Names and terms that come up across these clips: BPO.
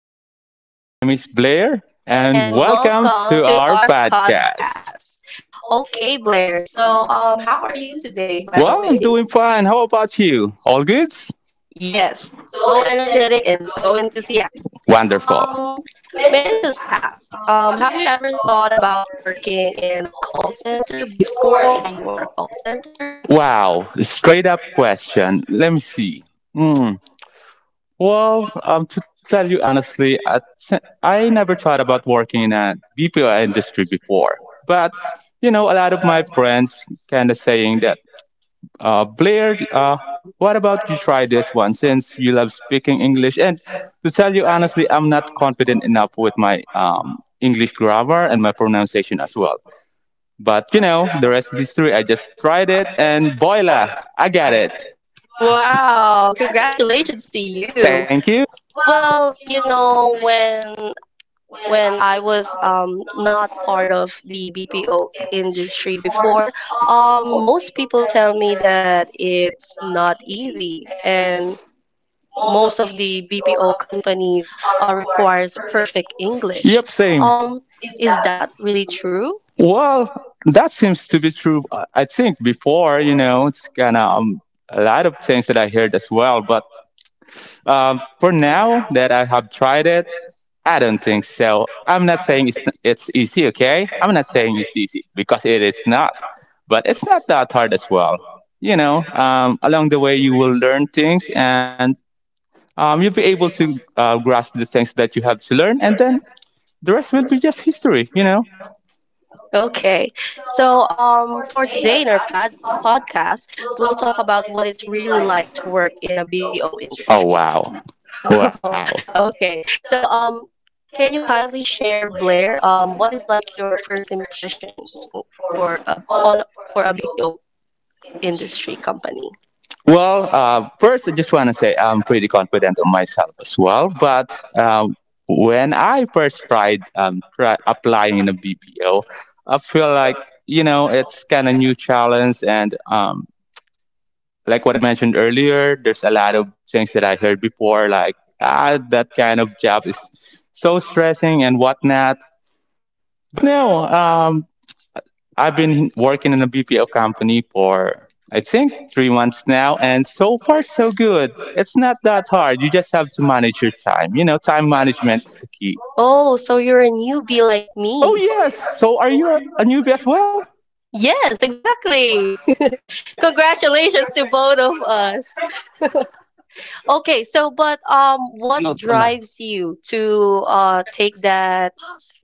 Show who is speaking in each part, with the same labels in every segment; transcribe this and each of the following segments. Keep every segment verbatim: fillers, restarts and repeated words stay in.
Speaker 1: Eula,
Speaker 2: My name is Blair, and
Speaker 1: and
Speaker 2: welcome to
Speaker 1: welcome to
Speaker 2: our
Speaker 1: our
Speaker 2: podcast.
Speaker 1: podcast. Okay, Blair. So, um, how are you today, by the
Speaker 2: Well, I'm
Speaker 1: way?
Speaker 2: doing fine. How about you? All goods?
Speaker 1: Yes, so energetic and so enthusiastic.
Speaker 2: Wonderful.
Speaker 1: Um, may I just ask, um, have you ever thought about working in a call center before you are a call center?
Speaker 2: Wow, straight up question. Let me see. Hmm. Well, um, to tell you honestly, I, t- I never thought about working in a B P O industry before. But, you know, a lot of my friends kind of saying that Uh, Blair, uh, what about you try this one since you love speaking English? And to tell you honestly, I'm not confident enough with my um, English grammar and my pronunciation as well. But you know, the rest is history. I just tried it and voila, I got it.
Speaker 1: Wow, congratulations to you.
Speaker 2: Thank you.
Speaker 1: Well, you know, when when I was um, not part of the B P O industry before, um, most people tell me that it's not easy, and most of the B P O companies uh, requires perfect English.
Speaker 2: Yep, same.
Speaker 1: Um, is that really true?
Speaker 2: Well, that seems to be true. I I think before, you know, it's kind of um, a lot of things that I heard as well. But um, for now that I have tried it, I don't think so. I'm not saying it's it's easy, okay? I'm not saying it's easy because it is not. But it's not that hard as well. You know, um, along the way you will learn things, and um, you'll be able to uh, grasp the things that you have to learn, and then the rest will be just history. You know.
Speaker 1: Okay, so um, for today in our pad podcast, we'll talk about what it's really like to work in a B P O
Speaker 2: Oh
Speaker 1: industry.
Speaker 2: wow. Wow.
Speaker 1: Oh, okay. So, um, can you kindly share, Blair, um, what is like your first impressions w- for a on for a B P O industry company?
Speaker 2: Well, uh, first I just want to say I'm pretty confident on myself as well. But um, when I first tried um, try applying in a B P O, I feel like you know it's kind of new challenge and um, like what I mentioned earlier, there's a lot of things that I heard before, like ah that kind of job is so stressing and whatnot. But no, um, I've been working in a B P O company for I think three months now, and so far so good. It's not that hard. You just have to manage your time. You know, time management is the key.
Speaker 1: Oh, so you're a newbie like
Speaker 2: Oh
Speaker 1: me.
Speaker 2: yes. So are you a newbie as well?
Speaker 1: Yes, exactly. Congratulations to both of us. Okay, so but um, what drives you
Speaker 2: Luto na.
Speaker 1: to uh take that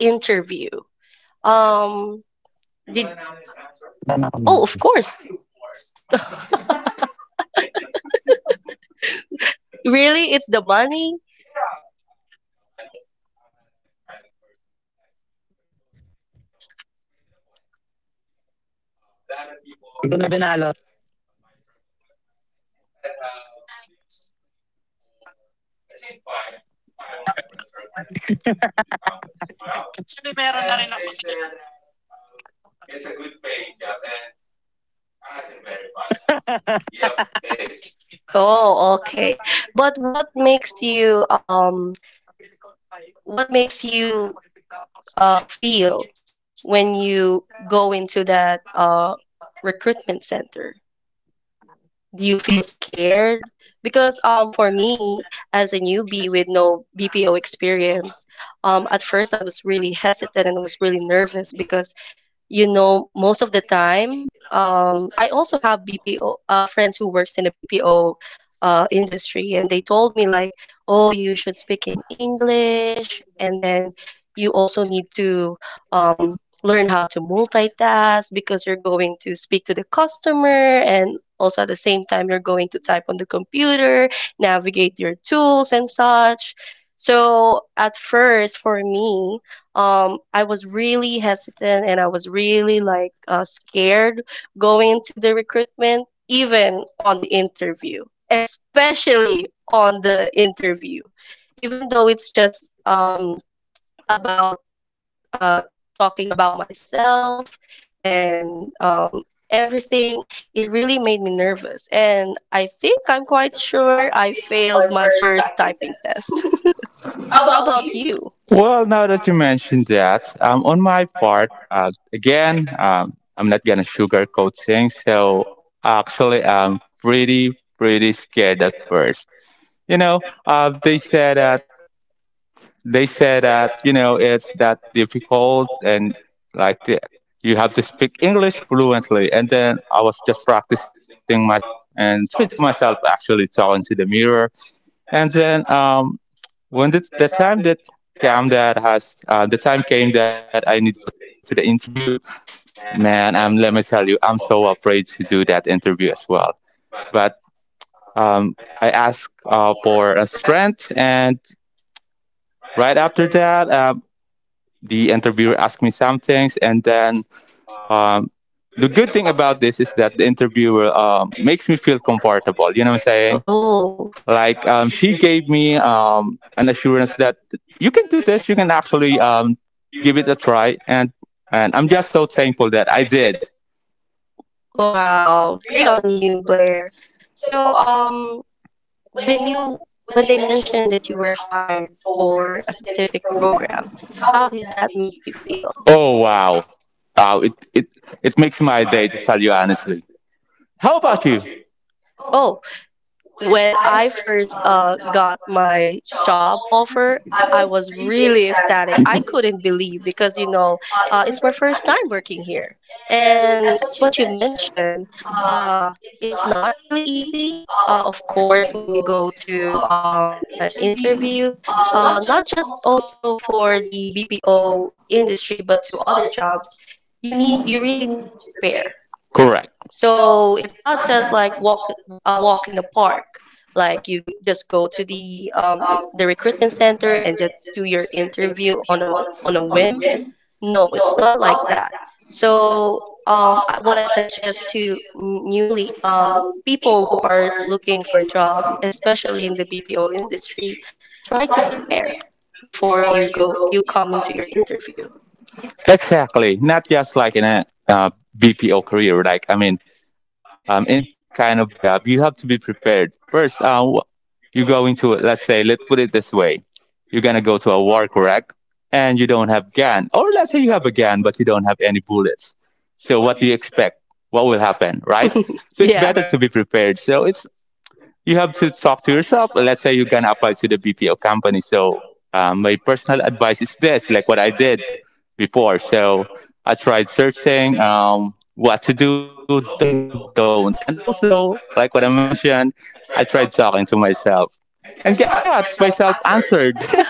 Speaker 1: interview? Um, did Oh, of
Speaker 2: Wala
Speaker 1: course.
Speaker 2: na kami. Hindi
Speaker 1: Really? It's the money?
Speaker 2: ko na binalot.
Speaker 1: Oh, okay. But what makes you um what makes you uh feel when you go into that uh recruitment center? Do you feel scared? Because um for me as a newbie with no B P O experience, um at first I was really hesitant and I was really nervous because you know, most of the time, um, I also have B P O uh, friends who works in the B P O uh, industry, and they told me like, oh, you should speak in English, and then you also need to um, learn how to multitask because you're going to speak to the customer and also at the same time you're going to type on the computer, navigate your tools and such. So at first for me, um I was really hesitant and I was really like uh, scared going into the recruitment, even on the interview, especially on the interview, even though it's just um about uh talking about myself and um everything. It really made me nervous, and I think I'm quite sure I failed my first typing test. How about you?
Speaker 3: Well, now that you mentioned that, um, on my part, uh, again, um, I'm not gonna sugarcoat things. So actually, I'm pretty, pretty scared at first. You know, uh, they said that they said that you know it's that difficult and like the, you have to speak English fluently. And then I was just practicing myself and talking to myself, actually talking to the mirror and then um, when the, the time that came that has uh, the time came that I need to go to the interview, man, I'm let me tell you, I'm so afraid to do that interview as well. But um, I asked uh, for a strength, and right after that, um, the interviewer asked me some things, and then um, the good thing about this is that the interviewer um, makes me feel comfortable. You know what I'm saying?
Speaker 1: Oh,
Speaker 3: Like um, she gave me um, an assurance that you can do this. You can actually um, give it a try, and and I'm just so thankful that I did.
Speaker 1: wow, great on you, Blair. So, um, when you when they mentioned that you were hired for a specific program, how did that make you feel?
Speaker 3: Oh wow, wow! It it it makes my day to tell you honestly. How about you?
Speaker 1: Oh, when I first uh, got my job offer, I was really ecstatic. I couldn't believe because, you know, uh, it's my first time working here. And as what you mentioned, uh, it's not really easy. Uh, of course, when you go to um, an interview, uh, not just also for the B P O industry, but to other jobs, you need you really need to prepare,
Speaker 3: Correct.
Speaker 1: so it's not just like walk a walk in the park. Like you just go to the um e, the recruitment center and just do your interview on a on a whim. No, it's not like that. So um I- what I suggest to n- newly um people who are looking for jobs, especially in the B P O industry, try to prepare before you go you come into your interview.
Speaker 3: Exactly. Not just like in a uh, B P O career. Like, I mean, um, in any kind of job, you have to be prepared. First, uh, wh- you go into, it, let's say, let's put it this way. You're going to go to a war, correct? And you don't have gun. Or let's say you have a gun, but you don't have any bullets. So what do you expect? What will happen, right?
Speaker 1: It's
Speaker 3: So it's
Speaker 1: yeah,
Speaker 3: better
Speaker 1: better
Speaker 3: to
Speaker 1: to
Speaker 3: be prepared. So it's, you have to talk to yourself. Let's say you're going to apply to the B P O company. So um, my personal advice is this, like what I did before. So I tried searching um, what to do, do's and don'ts. And also, like what I mentioned, I tried talking to myself. And guess what? Myself
Speaker 1: be
Speaker 3: answered.
Speaker 1: prepared.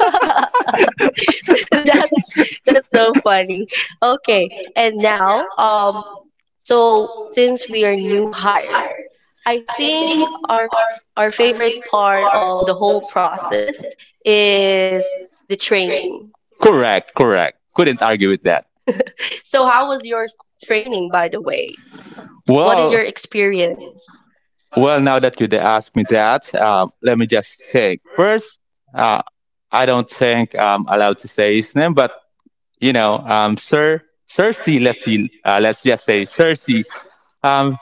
Speaker 1: that's that's so funny. Okay, and now um so since we are new hires, I think our our favorite part of the whole process is the training.
Speaker 3: Correct, correct. Couldn't argue with that.
Speaker 1: So how was your s- training, by the way? What is your
Speaker 3: Well,
Speaker 1: experience?
Speaker 3: well, now that you asked me that, uh, let me just say first, uh, I don't think I'm allowed to say his name, but you know, um, Sir Cersei, let's see, uh, let's just say Cersei. Um,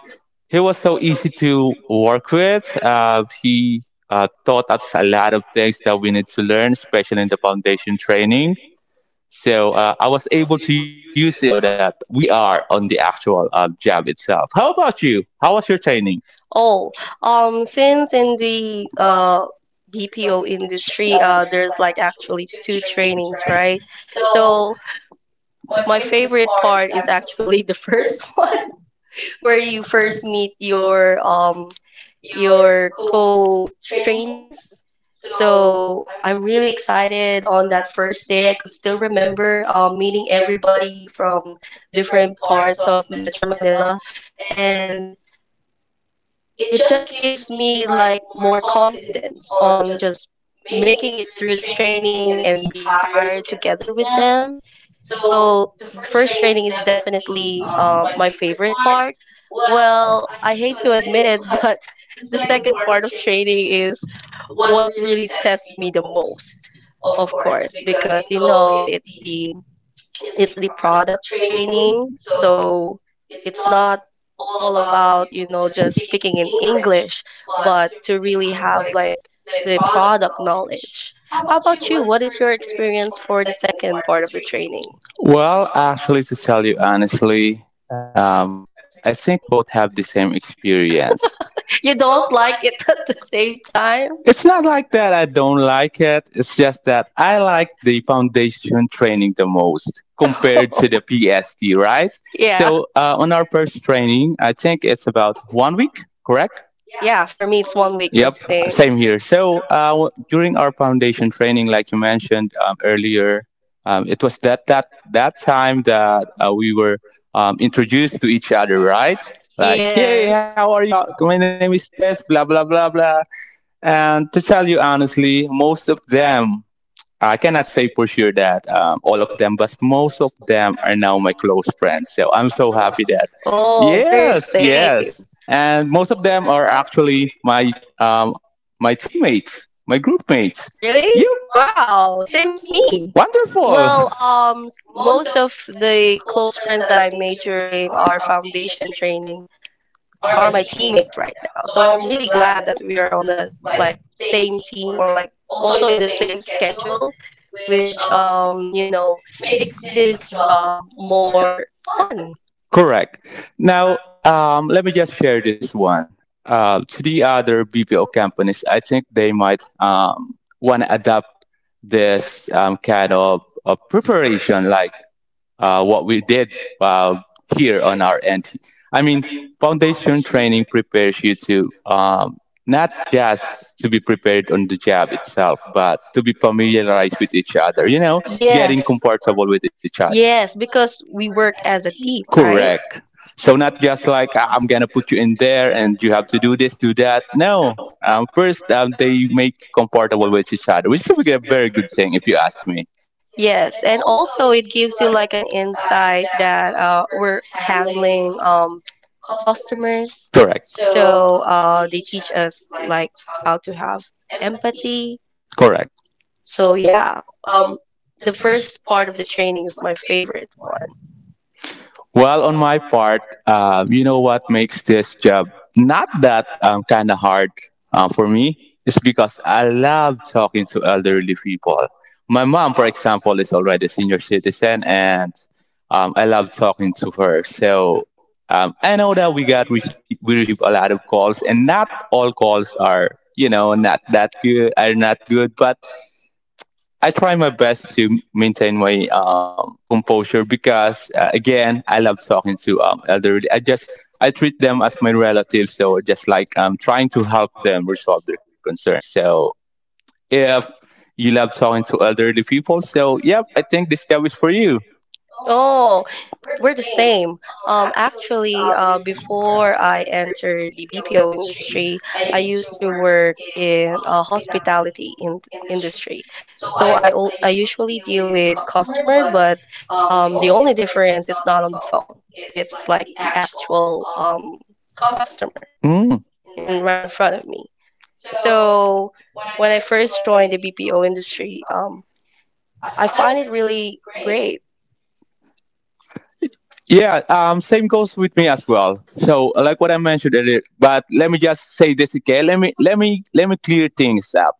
Speaker 3: he was so easy to work with. Uh, he uh, taught us a lot of things that we need to learn, especially in the foundation training. So uh, I was able to use it now that we are on the actual uh, job itself. How about you? How was your training?
Speaker 1: Oh, um since in the uh B P O industry, uh there's like actually two trainings, right? So my favorite part is actually the first one, where you first meet your um your co-trainees. So I'm really excited on that first day. I could still remember uh, meeting everybody from different parts of Metro Manila, and it just gives me like more confidence on just making it through the training and be hired together with them. So the first training is definitely uh, my favorite part. Well, I hate to admit it, but the second part of training is what really tests me the most, of course, because you know it's the it's the product training. So it's not all about, you know, just speaking in English, but to really have like the product knowledge. How about you? What is your experience for the second part of the training?
Speaker 3: Well, actually, to tell you honestly, um, I think we both have the same experience.
Speaker 1: You don't like it at the same time?
Speaker 3: It's not like that I don't like it. It's just that I like the foundation training the most compared to the P S T, right?
Speaker 1: Yeah.
Speaker 3: So uh, on our first training, I think it's about one week, correct?
Speaker 1: Yeah, for me it's one week the
Speaker 3: Yep,
Speaker 1: same.
Speaker 3: same here. So uh, w- during our foundation training, like you mentioned um, earlier, um, it was that that that time that uh, we were um, introduced to each other, right? Like, hey,
Speaker 1: Yes.
Speaker 3: how are you? Uh, My name is this, blah blah blah blah. And to tell you honestly, most of them, I cannot say for sure that um, all of them, but most of them are now my close friends. So I'm so happy that,
Speaker 1: Oh, we're the
Speaker 3: yes,
Speaker 1: same.
Speaker 3: yes. And most of them are actually my um, my teammates, my group mates.
Speaker 1: Really?
Speaker 3: Yep,
Speaker 1: Wow, same as me.
Speaker 3: wonderful.
Speaker 1: Well, um, s- most of the close friends that I made during our foundation training are my teammates right now. So I'm really glad that we are on the like same team, or like also in the same schedule, which um you know makes this job more fun.
Speaker 3: Correct. Now, um, let me just share this one. Uh, to the other B P O companies, I think they might um, want to adopt this um, kind of, of preparation, like uh, what we did uh, here on our end. I mean, foundation training prepares you to um, not just to be prepared on the job itself, but to be familiarized with each other. You know, getting
Speaker 1: Yes.
Speaker 3: comfortable with each other.
Speaker 1: Yes, because we work as a team, right?
Speaker 3: Correct. So not just like, "Ah, I'm gonna put you in there and you have to do this, do that." No. Um, first, um, they make you comfortable with each other, which is a very good thing if you ask me.
Speaker 1: Yes, and also it gives you like an insight that uh, we're handling um customers.
Speaker 3: Correct.
Speaker 1: So uh, they teach us like how to have empathy.
Speaker 3: Correct.
Speaker 1: So yeah, um, the first part of the training is my favorite one.
Speaker 3: Well, on my part, uh, you know what makes this job not that um, kind of hard uh, for me is because I love talking to elderly people. My mom, for example, is already a senior citizen, and um, I love talking to her. So um, I know that we got rece- we receive a lot of calls, and not all calls are you know not that good are not good, but I try my best to maintain my um, composure because, uh, again, I love talking to um, elderly. I just I treat them as my relatives, so just like I'm trying to help them resolve their concerns. So if you love talking to elderly people, so yep, I think this job is for you.
Speaker 1: Oh, we're the same. Um, actually, uh, before I entered the B P O industry, I used to work in uh, hospitality in industry. So I al- I usually deal with customer, but um, the only difference is not on the phone. It's like the actual um, customer
Speaker 3: Mm.
Speaker 1: in right in front of me. So when I first joined the B P O industry, um, I find it really great.
Speaker 3: Yeah, um, same goes with me as well. So, like what I mentioned earlier, but let me just say this again. Let me let me let me clear things up.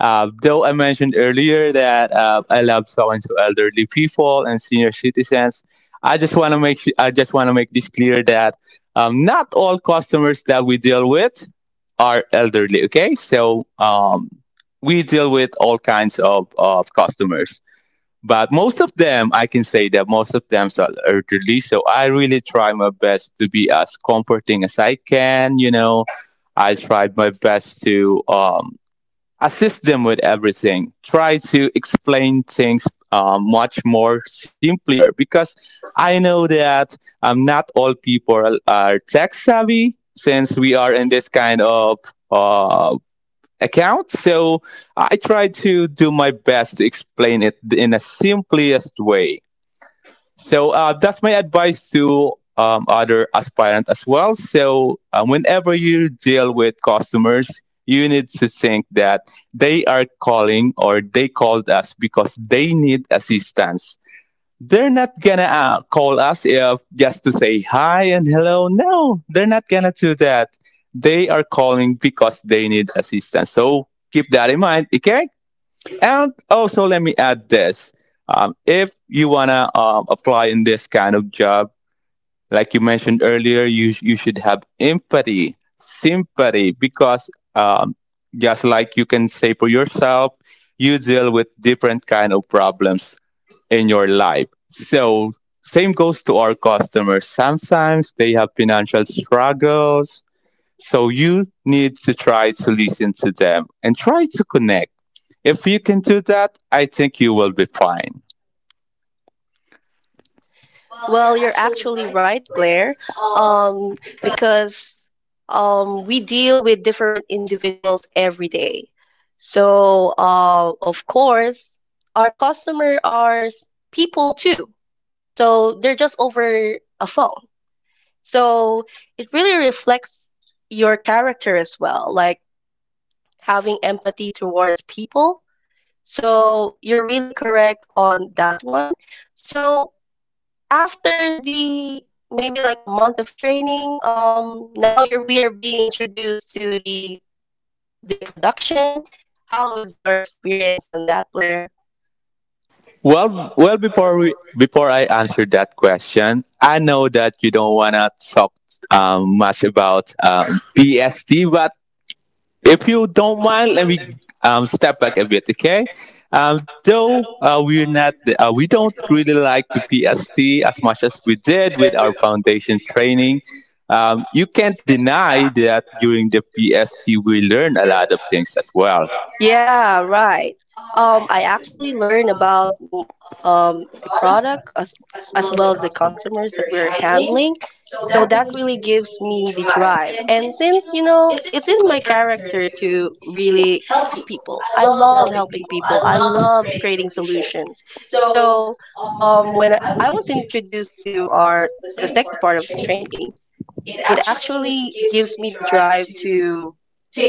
Speaker 3: Uh, though I mentioned earlier that uh, I love so and so elderly people and senior citizens, I just want to make su- I just want to make this clear that um, not all customers that we deal with are elderly. Okay, so um, we deal with all kinds of, of customers, but most of them I can say that most of them are elderly, so I really try my best to be as comforting as I can. You know, I tried my best to um, assist them with everything, try to explain things um, much more simpler because I know that um, not all people are tech savvy since we are in this kind of uh, account. So I try to do my best to explain it in a simplest way. So uh, that's my advice to um, other aspirant as well. So uh, whenever you deal with customers, you need to think that they are calling or they called us because they need assistance. They're not gonna uh, call us if just to say hi and hello. No, they're not gonna do that. They are calling because they need assistance, so keep that in mind, okay. And also let me add this, um, if you wanna um, apply in this kind of job, like you mentioned earlier, you, you should have empathy, sympathy, because um, just like you can say for yourself, you deal with different kind of problems in your life. So same goes to our customers. Sometimes they have financial struggles. So you need to try to listen to them and try to connect. If you can do that, I think you will be fine.
Speaker 1: Well, you're actually right, Blair, um, because um, we deal with different individuals every day. So, uh, of course, our customer are s- people too. So they're just over a phone. So it really reflects your character as well, like having empathy towards people. So you're really correct on that one. So after the maybe like a month of training, um, now you're we are being introduced to the the production. How is your experience on that, Blair?
Speaker 3: Well, well, before we before I answer that question, I know that you don't wanna talk um, much about um, P S D, but if you don't mind, let me um, step back a bit, okay? Um, though uh, we're not, uh, we don't really like the P S T as much as we did with our foundation training. Um, you can't deny that during the P S T we learn a lot of things as well.
Speaker 1: Yeah, right. Um, I actually learned about mm, um, the product as as well as the customers that we're handling. So that really gives me the drive. And since, you know, it's in my character to really help people. I love helping people. I love creating solutions. So, um, when I was introduced to our the second part of the training, it actually gives me the drive to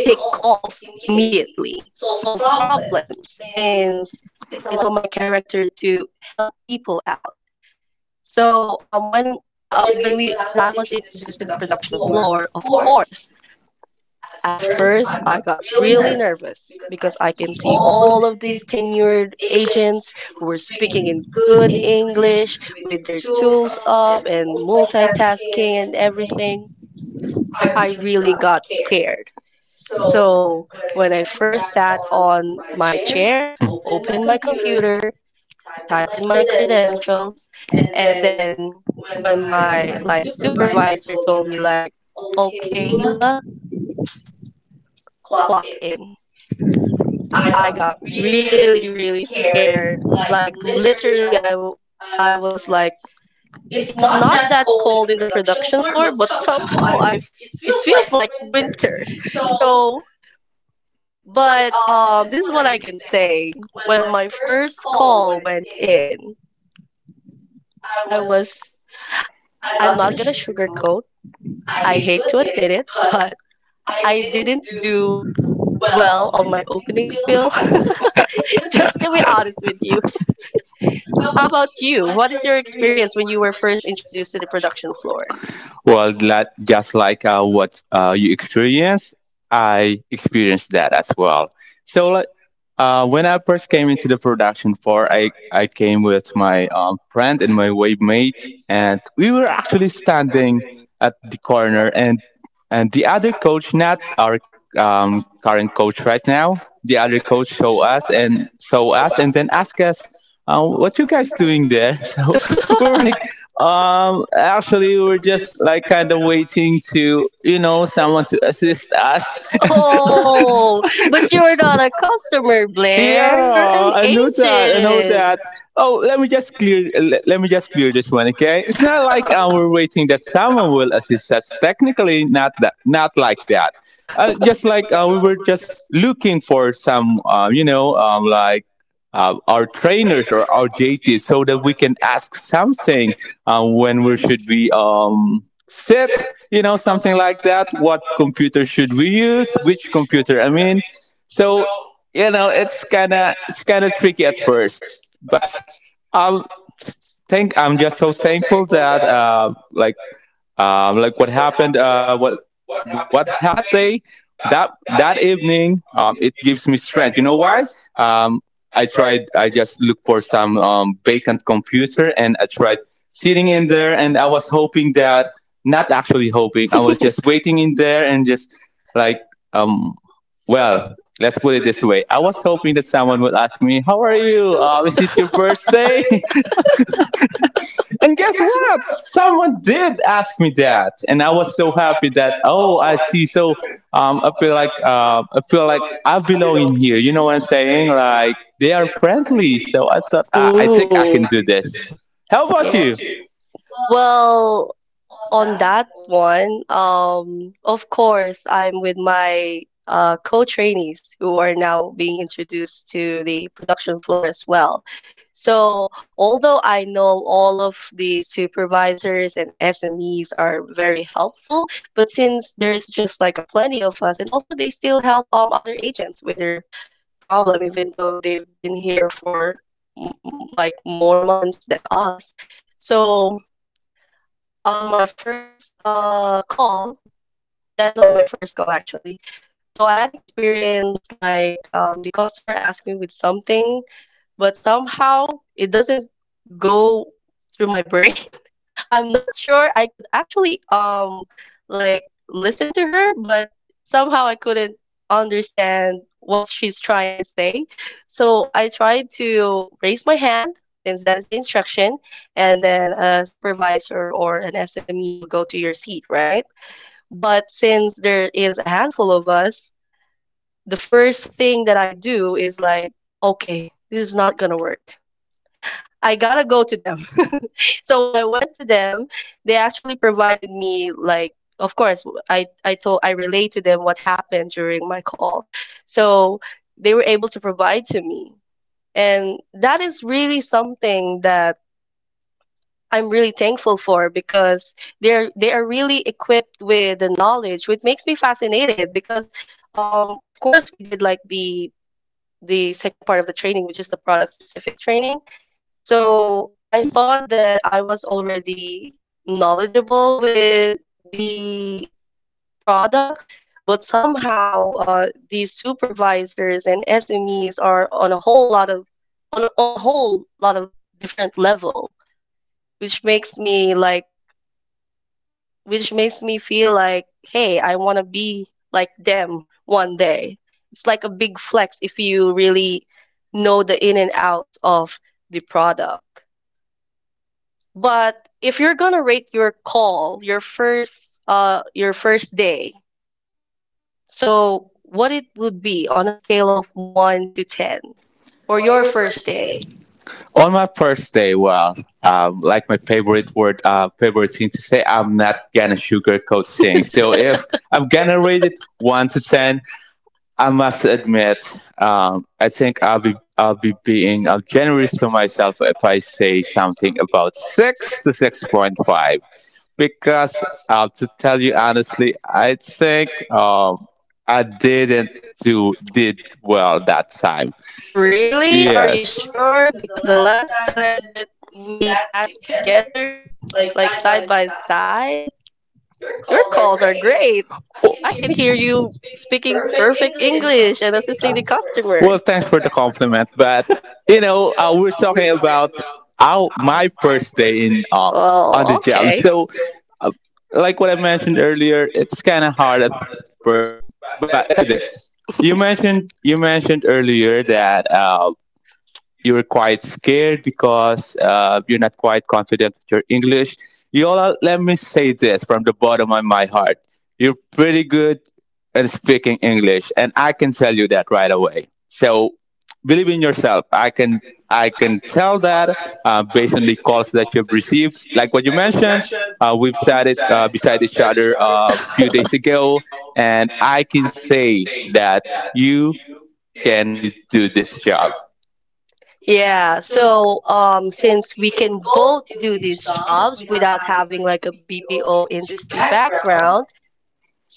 Speaker 1: take calls immediately, solve problems, since it's on my character to help people out. So um, when uh, when we when I was introduced to the production floor, of course, at first I got really nervous because I can see all of these tenured agents who were speaking in good English with their tools up and multitasking and everything. I really got scared. So when I first sat on my chair,
Speaker 3: Open my
Speaker 1: opened my
Speaker 3: computer.
Speaker 1: computer, type in my credentials, and then when my like supervisor told me like, "Okay, Eula, clock in." I got really, really scared. Like literally I w- I was like, "It's not that cold in the production floor, but somehow I f- it feels like winter." So but um, this is what I can say. When my first call went in, I was, I'm not gonna sugarcoat. I hate to admit it, but I didn't do well on my opening spiel. Just to be honest with you. How about you? What is your experience when you were first introduced to the production floor?
Speaker 3: Well, la- just like uh, what uh, you experienced, I experienced that as well. So, like, uh, when I first came into the production floor, I, I came with my um, friend and my wave mate, and we were actually standing at the corner, and and the other coach, not our um, current coach right now, the other coach show us and saw us, and then ask us, uh, "What you guys doing there?" So we were like,
Speaker 1: Like, um,
Speaker 3: um, actually, we we're just like kind of waiting to, you know, someone to assist us.
Speaker 1: Oh, but you're not a customer, Blair.
Speaker 3: Yeah, I know that. I know that. Oh, let me just clear. Let, let me just clear this one, okay? It's not like uh, we're waiting that someone will assist us. Technically, not that. Not like that. Uh, just like uh, we were just looking for some, uh, you know, um, like uh, our trainers or our J Ts, so that we can ask something uh, when we should be um set. You know, something like that. What computer should we use? Which computer? I mean. So you know it's kind of it's kind of tricky at first, but I think I'm just so thankful that uh, like um, like what happened, uh, what what happened that day, that that evening. um, it gives me strength, you know why. um, i tried I just looked for some um, vacant computer and I tried sitting in there and I was hoping that not actually hoping I was just waiting in there and just like um, well, let's put it this way. I was hoping that someone would ask me, "How are you? Uh, is it your birthday?" And guess what? Someone did ask me that. And I was so happy that, oh, I see. So, um, I feel like, uh, I feel like I belong in here. You know what I'm saying? Like, they are friendly. So I thought, ah, I think I can do this. How about you?
Speaker 1: Well, on that one, um, of course, I'm with my uh, co-trainees who are now being introduced to the production floor as well. So, although I know all of the supervisors and S M Es are very helpful, but since there's just like a plenty of us, and also they still help um other agents with their problem, even though they've been here for mm, mm, like more months than us. So, on my first uh call that's on my first call, actually, so I had experience like, um, the customer asked me with something, but somehow it doesn't go through my brain. I'm not sure I could actually um like listen to her, but somehow I couldn't understand what she's trying to say. So I tried to raise my hand, since that is the instruction, and then a supervisor or an S M E will go to your seat, right? But since there is a handful of us, the first thing that I do is like, okay, this is not gonna work. I gotta go to them. So when I went to them, they actually provided me, like, of course, I I told I relayed to them what happened during my call, so they were able to provide to me, and that is really something that I'm really thankful for because they're they are really equipped with the knowledge, which makes me fascinated because, um, of course, we did like the the second part of the training, which is the product specific training. So I thought that I was already knowledgeable with the product, but somehow uh, these supervisors and S M Es are on a whole lot of on on a whole lot of different level, which makes me like which makes me feel like, hey, I want to be like them one day. It's like a big flex if you really know the in and outs of the product. But if you're gonna rate your call, your first uh your first day, so what it would be on a scale of one to ten for your first day.
Speaker 3: On my first day, well, um, like my favorite word, uh, favorite thing to say, I'm not gonna sugarcoat things. So if I'm gonna rate it one to ten, I must admit, um, I think I'll be I'll be being uh, generous to myself if I say something about six to six point five. Because uh, to tell you honestly, I think um, I didn't do did well that time.
Speaker 1: Really? Are you
Speaker 3: Yes.
Speaker 1: sure? Because the last time that we sat together, like side by side, your calls are great. I can hear
Speaker 3: Oh,
Speaker 1: you speaking perfect English and assisting the customer.
Speaker 3: well, thanks for the compliment, but you know, uh, we're talking about our my first day in uh, on the
Speaker 1: Well,
Speaker 3: job.
Speaker 1: okay.
Speaker 3: So, uh, like what I mentioned earlier, it's kind of hard at first. But let me tell you this: you mentioned you mentioned earlier that uh, you're quite scared because uh, you're not quite confident with your English. You all, let me say this from the bottom of my heart. You're pretty good at speaking English, and I can tell you that right away. So believe in yourself. I can I can tell that uh, based on the calls that you've received. Like what you mentioned, uh, we've sat it uh, beside each other uh, a few days ago, and I can say that you can really do this job.
Speaker 1: Yeah, so um, since we can both do these jobs without having like a B P O industry background,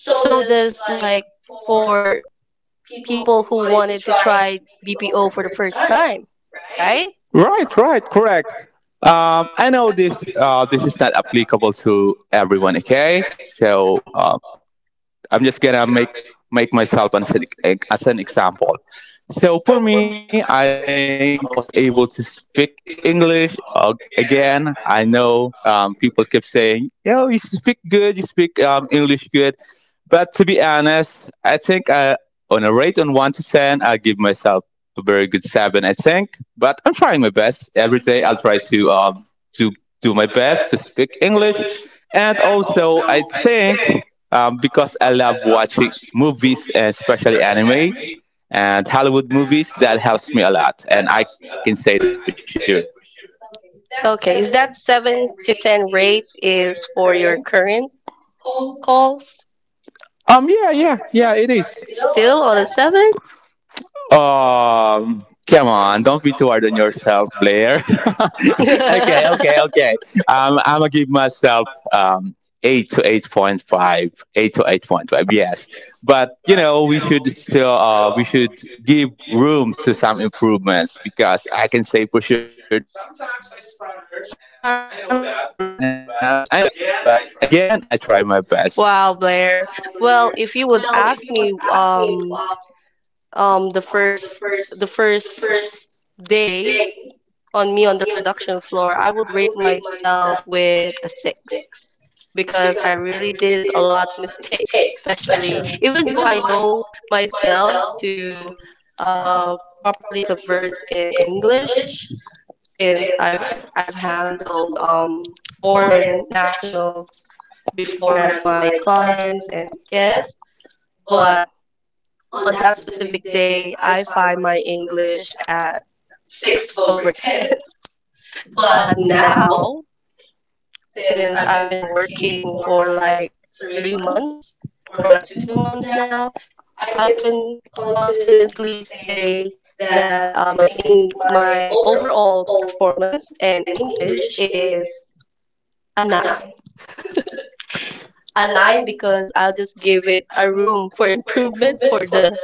Speaker 1: so does like for people who wanted to try B P O for the first time, right?
Speaker 3: Right, right, correct. Um, I know this uh, this is not applicable to everyone, okay? So uh, I'm just gonna make make myself as an, as an example. So for me, I think I was able to speak English uh, again. I know um, people kept saying, "Yo, you speak good, you speak um, English good," but to be honest, I think uh, on a rate on one to ten, I give myself a very good seven. I think, but I'm trying my best every day. I'll try to um, to do my best to speak English, and also I think um, because I love watching movies, especially anime and Hollywood movies. That helps me a lot, and I can say that for sure.
Speaker 1: Okay, is that seven to ten rate is for your current calls?
Speaker 3: Um, yeah, yeah, yeah, it is.
Speaker 1: Still on a seven?
Speaker 3: Um, Come on, don't be too hard on yourself, Blair. Okay, okay, okay. Um, I'm gonna give myself um eight to eight point five, eight to eight point five. Yes, but you know we should still uh we should give room to some improvements because I can say for sure sometimes I stutter and I know that, but again I try my best.
Speaker 1: Wow, Blair. Well, if you would ask me, um, um the first the first day on me on the production floor, I would rate myself with a six because I really did a lot of mistakes, especially even though I know myself to uh properly converse in English since I've I've handled um foreign nationals before as my clients and guests, but on that specific day, I find my English at six over ten. But now, since I've been working for like three months or like two months now, I can confidently say that uh, my in my overall performance in English is a nine. A nine because I'll just give it a room for improvement for the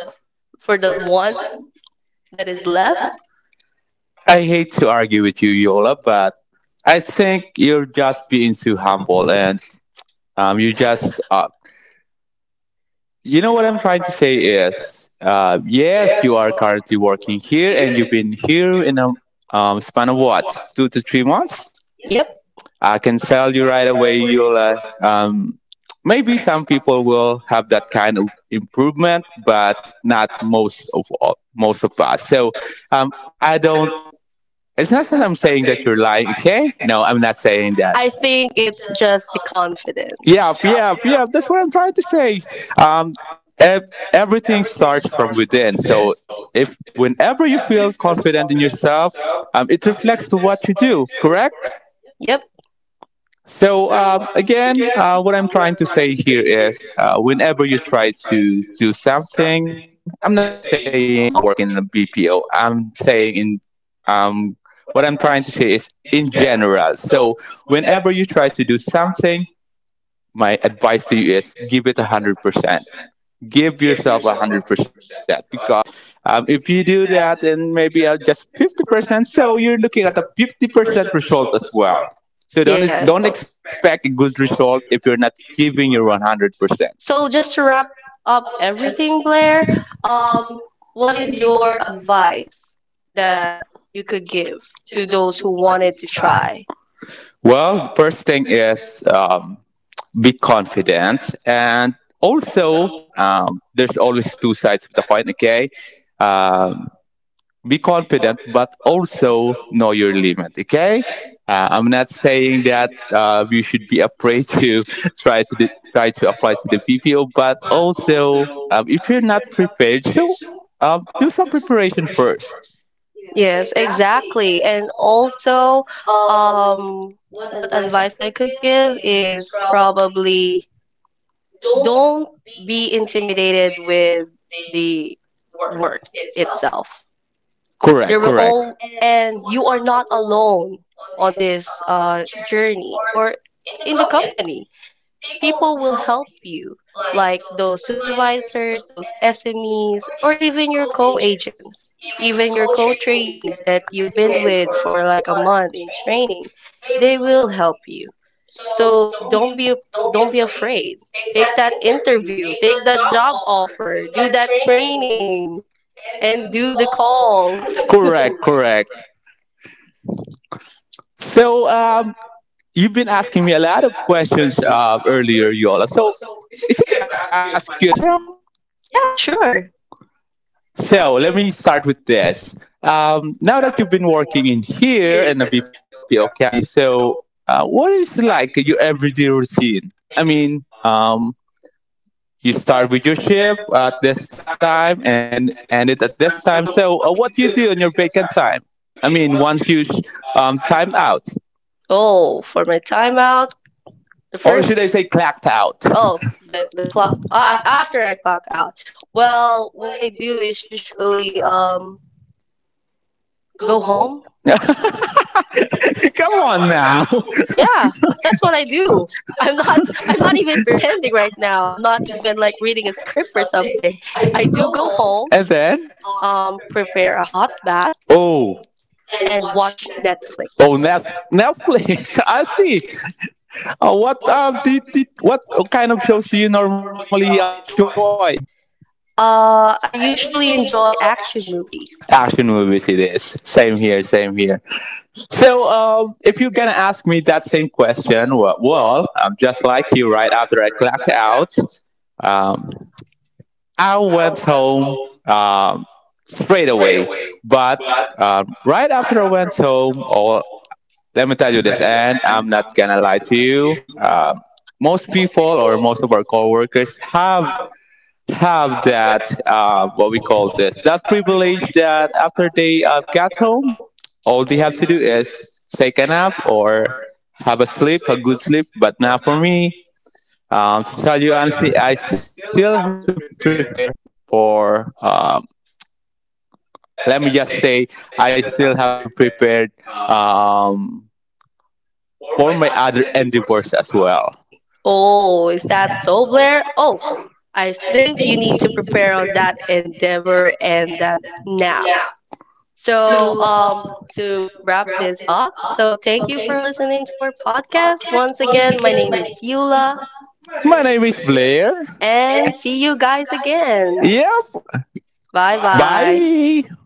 Speaker 1: for the one that is left.
Speaker 3: I hate to argue with you, Yola, but I think you're just being too humble and Um, you just, uh, you know what I'm trying to say is, uh, yes, you are currently working here and you've been here in a um, span of what, two to three months?
Speaker 1: Yep.
Speaker 3: I can tell you right away, you'll, uh, um, maybe some people will have that kind of improvement, but not most of all, most of us. So, um, I don't. It's not that I'm saying that you're lying, okay? No, I'm not saying that.
Speaker 1: Think it's just the
Speaker 3: Yeah,
Speaker 1: confidence.
Speaker 3: yeah, yeah. That's what I'm trying to say. Um, ev- everything starts from within. So if whenever you feel confident in yourself, um, it reflects to what you do. Correct?
Speaker 1: Yep. So
Speaker 3: So um, again, uh, what I'm trying to say here is, uh, whenever you try to do something, I'm not just saying um, working in a B P O. I'm saying in um, what I'm trying to say is in general. So whenever you try to do something, my advice to you is give it one hundred percent. Give yourself one hundred percent because um, if you do that, then maybe I'll just fifty percent. So you're looking at a fifty percent result as well. So don't, don't expect a good result if you're not giving your one hundred percent.
Speaker 1: so just to wrap up everything, Blair, um, what is your advice that you could give to those who wanted to try?
Speaker 3: Well, the first thing is um, be confident. And also, um, there's always two sides of the coin, okay? Um, be confident, but also know your limit. Okay, uh, I'm not saying that uh, you should be afraid to try to the, try to apply to the P P O, but also um, if you're not prepared, so um, do some preparation first.
Speaker 1: Yes, exactly. And also, um, what advice I could give is probably don't be intimidated with the work itself. There
Speaker 3: Correct,
Speaker 1: will
Speaker 3: correct,
Speaker 1: all, and you are not alone on this uh, journey or in the company people will help you, like those supervisors, those S M Es, or even your co agents, even your co trainees that you've been with for like a month in training. They will help you. So don't be don't be afraid. Take that interview, take that job offer, do that training, and do the calls.
Speaker 3: correct, correct. So um, you've been asking me a lot of questions uh, earlier, Yola. So is it okay if I ask you a question now?
Speaker 1: Yeah, sure.
Speaker 3: So let me start with this. Um, now that you've been working in here in a B P O company, so uh, what is like your everyday routine? I mean, um, you start with your shift at this time and then end it at this time. So uh, what do you do on your vacant time? I mean, once you sh- um, timed out,
Speaker 1: Oh, for my timeout, The
Speaker 3: or
Speaker 1: first.
Speaker 3: should I
Speaker 1: First,
Speaker 3: say clacked out?
Speaker 1: oh, the the clock af after I clock out. Well, what I do is usually um go home.
Speaker 3: Come on now.
Speaker 1: Yeah, that's what I do. I'm not I'm not even pretending right now. I'm not even like reading a script or something. I do go home,
Speaker 3: And then?
Speaker 1: um, prepare a hot bath
Speaker 3: Oh,
Speaker 1: and watch Netflix.
Speaker 3: oh, Nef- Netflix. I see. Uh, what uh, did, did, what kind of shows do you normally um, enjoy?
Speaker 1: Uh, I usually enjoy action movies.
Speaker 3: Action movies. It is. Same here. Same here. So, um, if you're gonna ask me that same question, well, well I'm just like you. Right after I clocked out, um, I went home um, straight away. But um, right after I went home, or let me tell you this, and I'm not gonna lie to you. Um, most people or most of our coworkers have have that uh, what we call this that privilege that after they uh, get home, all they have to do is take a nap or have a sleep, a good sleep. But not for me. Um, to tell you honestly, I still have to prepare for. Um, let me just say, I still have to prepare um, for my other endeavors as well.
Speaker 1: Oh, is that so, Blair? Oh, I think you need to prepare on that endeavor and that now. So, um, to wrap this up, so thank you for listening to our podcast. Once again, my name is Yula,
Speaker 3: My name is Blair. And
Speaker 1: and see you guys
Speaker 3: again.
Speaker 1: again.
Speaker 3: Yep.
Speaker 1: Bye bye.
Speaker 3: Bye. Bye.